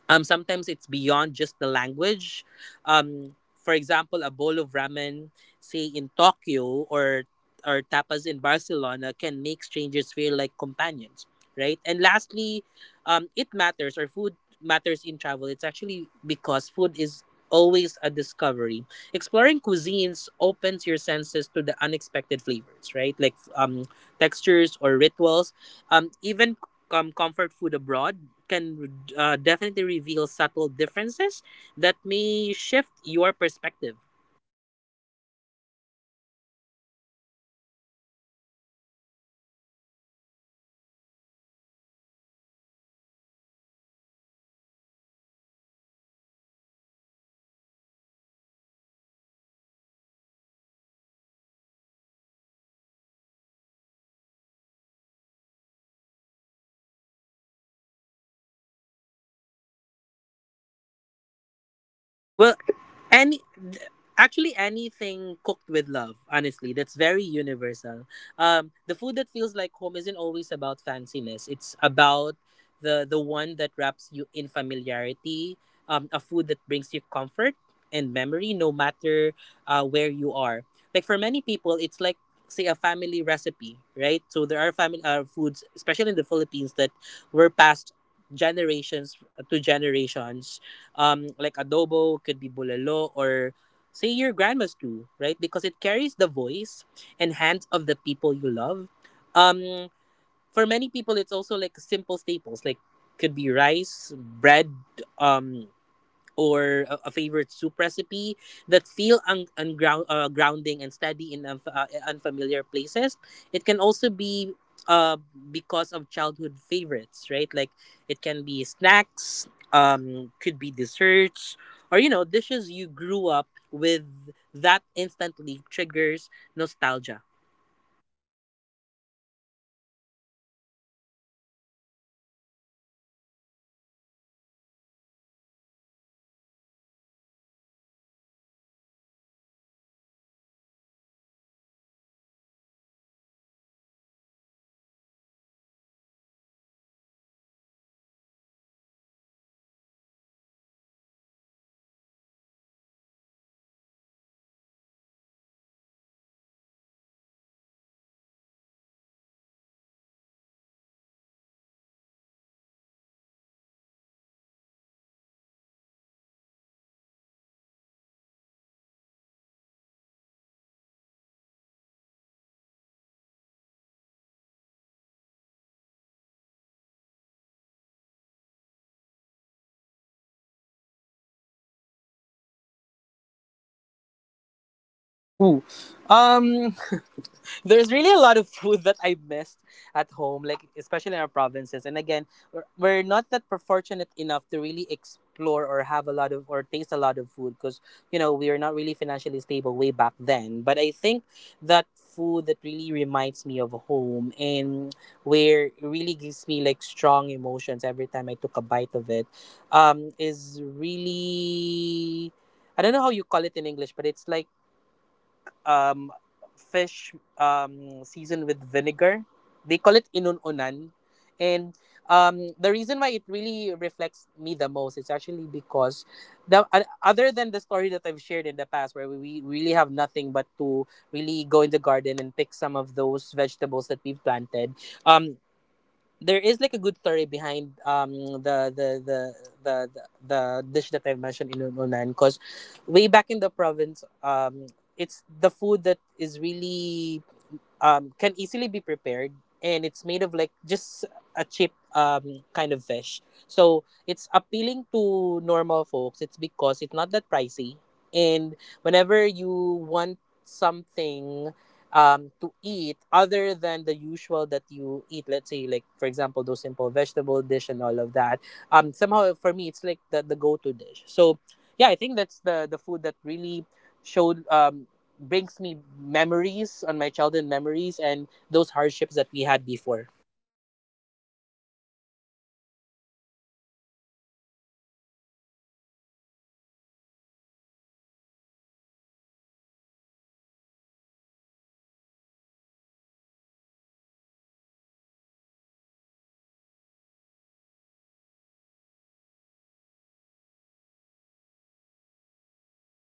S7: sometimes it's beyond just the language. For example, a bowl of ramen, say in Tokyo, or tapas in Barcelona, can make strangers feel like companions, right? And lastly, it matters, or food matters in travel. It's actually because food is always a discovery. Exploring cuisines opens your senses to the unexpected flavors, right? Like textures or rituals. Even comfort food abroad can definitely reveal subtle differences that may shift your perspective.
S1: Nice. Thank you so much, Heiko, for that. And last question. I think we've tackled enough in terms of, you know, culture and background in terms of traveling and food. Now, in terms of feeling like at home, what food do you think feels like home to you no matter wherever you travel or wherever you go?
S7: Well, any th- actually anything cooked with love, honestly, that's very universal. The food that feels like home isn't always about fanciness. It's about the one that wraps you in familiarity, a food that brings you comfort and memory, no matter where you are. Like for many people, it's like say a family recipe, right? So there are family foods, especially in the Philippines, that were passed generations to generations, like adobo, could be bulalo, or say your grandma's too, right? Because it carries the voice and hands of the people you love. Um, for many people it's also like simple staples, like could be rice, bread, um, or a favorite soup recipe that feel unground, grounding and steady in unfamiliar places. It can also be uh, because of childhood favorites, right? Like it can be snacks, could be desserts, or you know, dishes you grew up with that instantly triggers nostalgia.
S1: All right. Thank you so much. So, um, right now, in terms of the actual, you know, feels like home type of, you know, situation for us, it really varies in terms of the cultural background and the immersion that one must experience. So, have you also experienced before wherein, um, you know, you have past experiences wherein you went home in the province, and then, you know, you took a bite of that comfort food that your mom prepares, and, you know, suddenly a flashback of memories from the childhood, and how did you felt during that time?
S7: Ooh. Um There's really a lot of food that I missed at home, like especially in our provinces. And again, we're not that fortunate enough to really explore or have a lot of, or taste a lot of food, because you know we are not really financially stable way back then. But I think that food that really reminds me of home, and where it really gives me like strong emotions every time I took a bite of it, is really, I don't know how you call it in English, but it's like um, fish seasoned with vinegar. They call it inununan. And the reason why it really reflects me the most is actually because the other than the story that I've shared in the past, where we really have nothing but to really go in the garden and pick some of those vegetables that we've planted. Um, there is like a good story behind the the the the dish that I've mentioned in Unan, because way back in the province, it's the food that is really can easily be prepared, and it's made of like just a cheap kind of fish. So it's appealing to normal folks. It's because it's not that pricey. And whenever you want something to eat other than the usual that you eat, let's say like for example those simple vegetable dish and all of that, somehow for me it's like the go to dish. So yeah, I think that's the food that really showed brings me memories on my childhood memories and those hardships that we had before.
S1: Right. So in my part, basically, I can see that. So basically, I can relate to the part wherein, um w-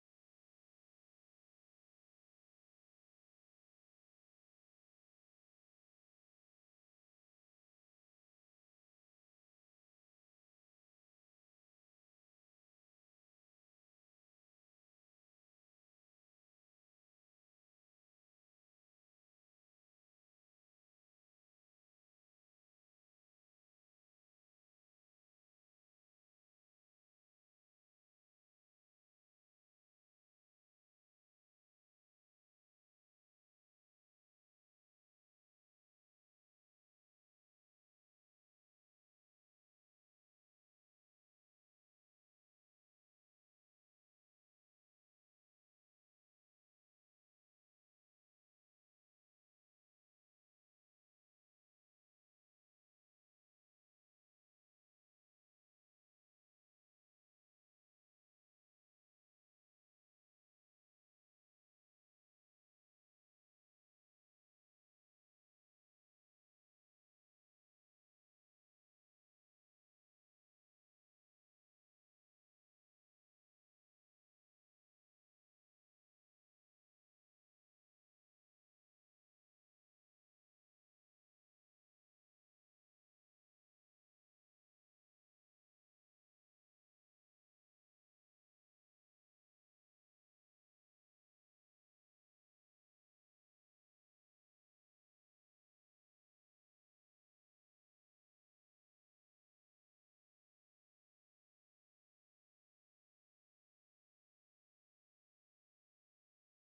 S1: we are just okay in terms of financially back then, but I really love when I go home. I really love to eat, um lechon kawale, or we've discussed it, the bagnet. When my mother or mommy prepares that, my grandmother prepares that, she usually um, boils it first with like the entire belly of the pig, and then with a lot of garlic, and, you know, like the the onion, and salt with it, and some pepper. So once it's boiled boiling, it actually, you know, the soup becomes more flavorful because it actually is getting the the it absorbs the fat of like the belly, and at the same time the pork. So basically, what we always do is, w once we take out the pork, to to pat dry and, you know, fry it, we usually put like a lot of veggies on that particular soup, and then we'll we'll turn it into a soup. So basically, we have already a veggie soup that can also be considered healthy. And I love to take a sip of that, and at the same time eat the crunchiness of the lechon kawali or the bagnet, because that's really a perfect combination. And you'll have the soy sauce on the side, and like some chilies on it, and like the vinegar. It's really a perfect combination for me, and that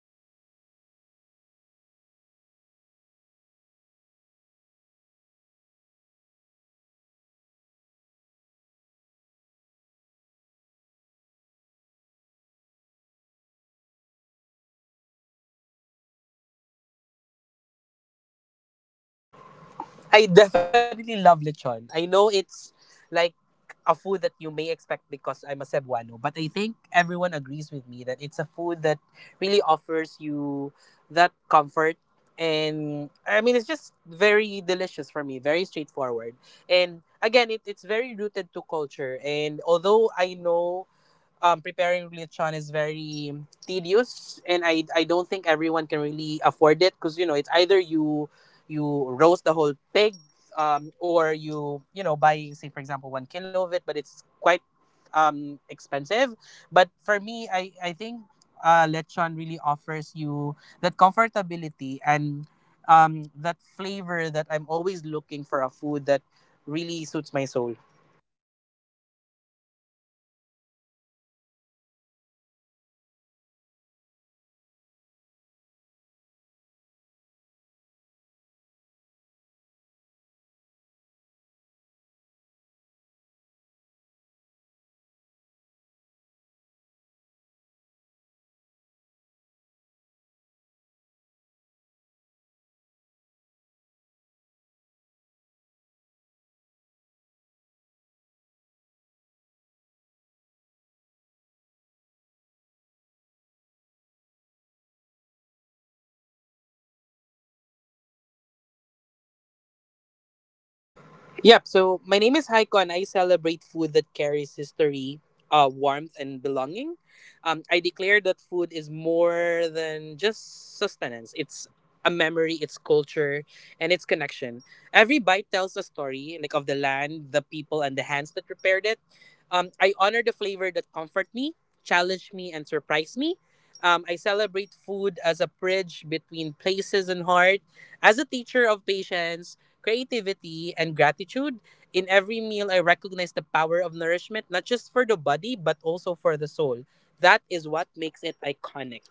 S1: will always like take me back home, and that always allows me to remember um the province. So before we'll go to our declaration, do you have like your favorite food? So let's just end there, like your favorite food and very quick explanation as to why.
S7: I definitely love lechon. I know it's like a food that you may expect because I'm a Cebuano, but I think everyone agrees with me that it's a food that really offers you that comfort. And I mean, it's just very delicious for me, very straightforward. And again, it's very rooted to culture. And although I know preparing lechon is very tedious, and I don't think everyone can really afford it, because you know it's either you roast the whole pig, or you know buy, say for example, 1 kilo of it, but it's quite expensive. But for me, I think lechon really offers you that comfortability and that flavor that I'm always looking for, a food that really suits my soul.
S1: Nice. That's also one favorite of mine, and also to me like the the dried adobo or the pork dried adobo. I love that. Um, that's also my favorite, and the lechon kawali. So thank you so much, Heiko, for discussing iconic bites, food that, you know, feels like home to us and to the dolls and Ken dolls out there. Now it's part for the declaration. Very simple. I think you are very familiar with this. So I'll start. I am Nancy K., your Dolls Podcast host, and I'm iconic and legendary in my own way about food, because food connects us to memory, culture, and each other. I honor the stories served on every plate. Aiko, it's your turn.
S7: Yep. So my name is Haiko, and I celebrate food that carries history, warmth, and belonging. I declare that food is more than just sustenance. It's a memory, it's culture, and it's connection. Every bite tells a story, like of the land, the people, and the hands that prepared it. I honor the flavor that comfort me, challenge me, and surprise me. I celebrate food as a bridge between places and heart, as a teacher of patience, creativity, and gratitude. In every meal, I recognize the power of nourishment, not just for the body, but also for the soul. That is what makes it iconic.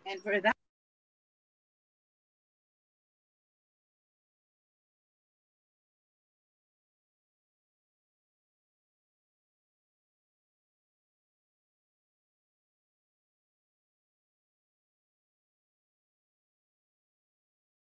S1: And for that, we are iconic and legendary, you guys. Thank you so much for joining us today on the Dolls Podcast. Till the next episode, stay curious, stay connected, always iconic and legendary. Thank you, dolls, and see you.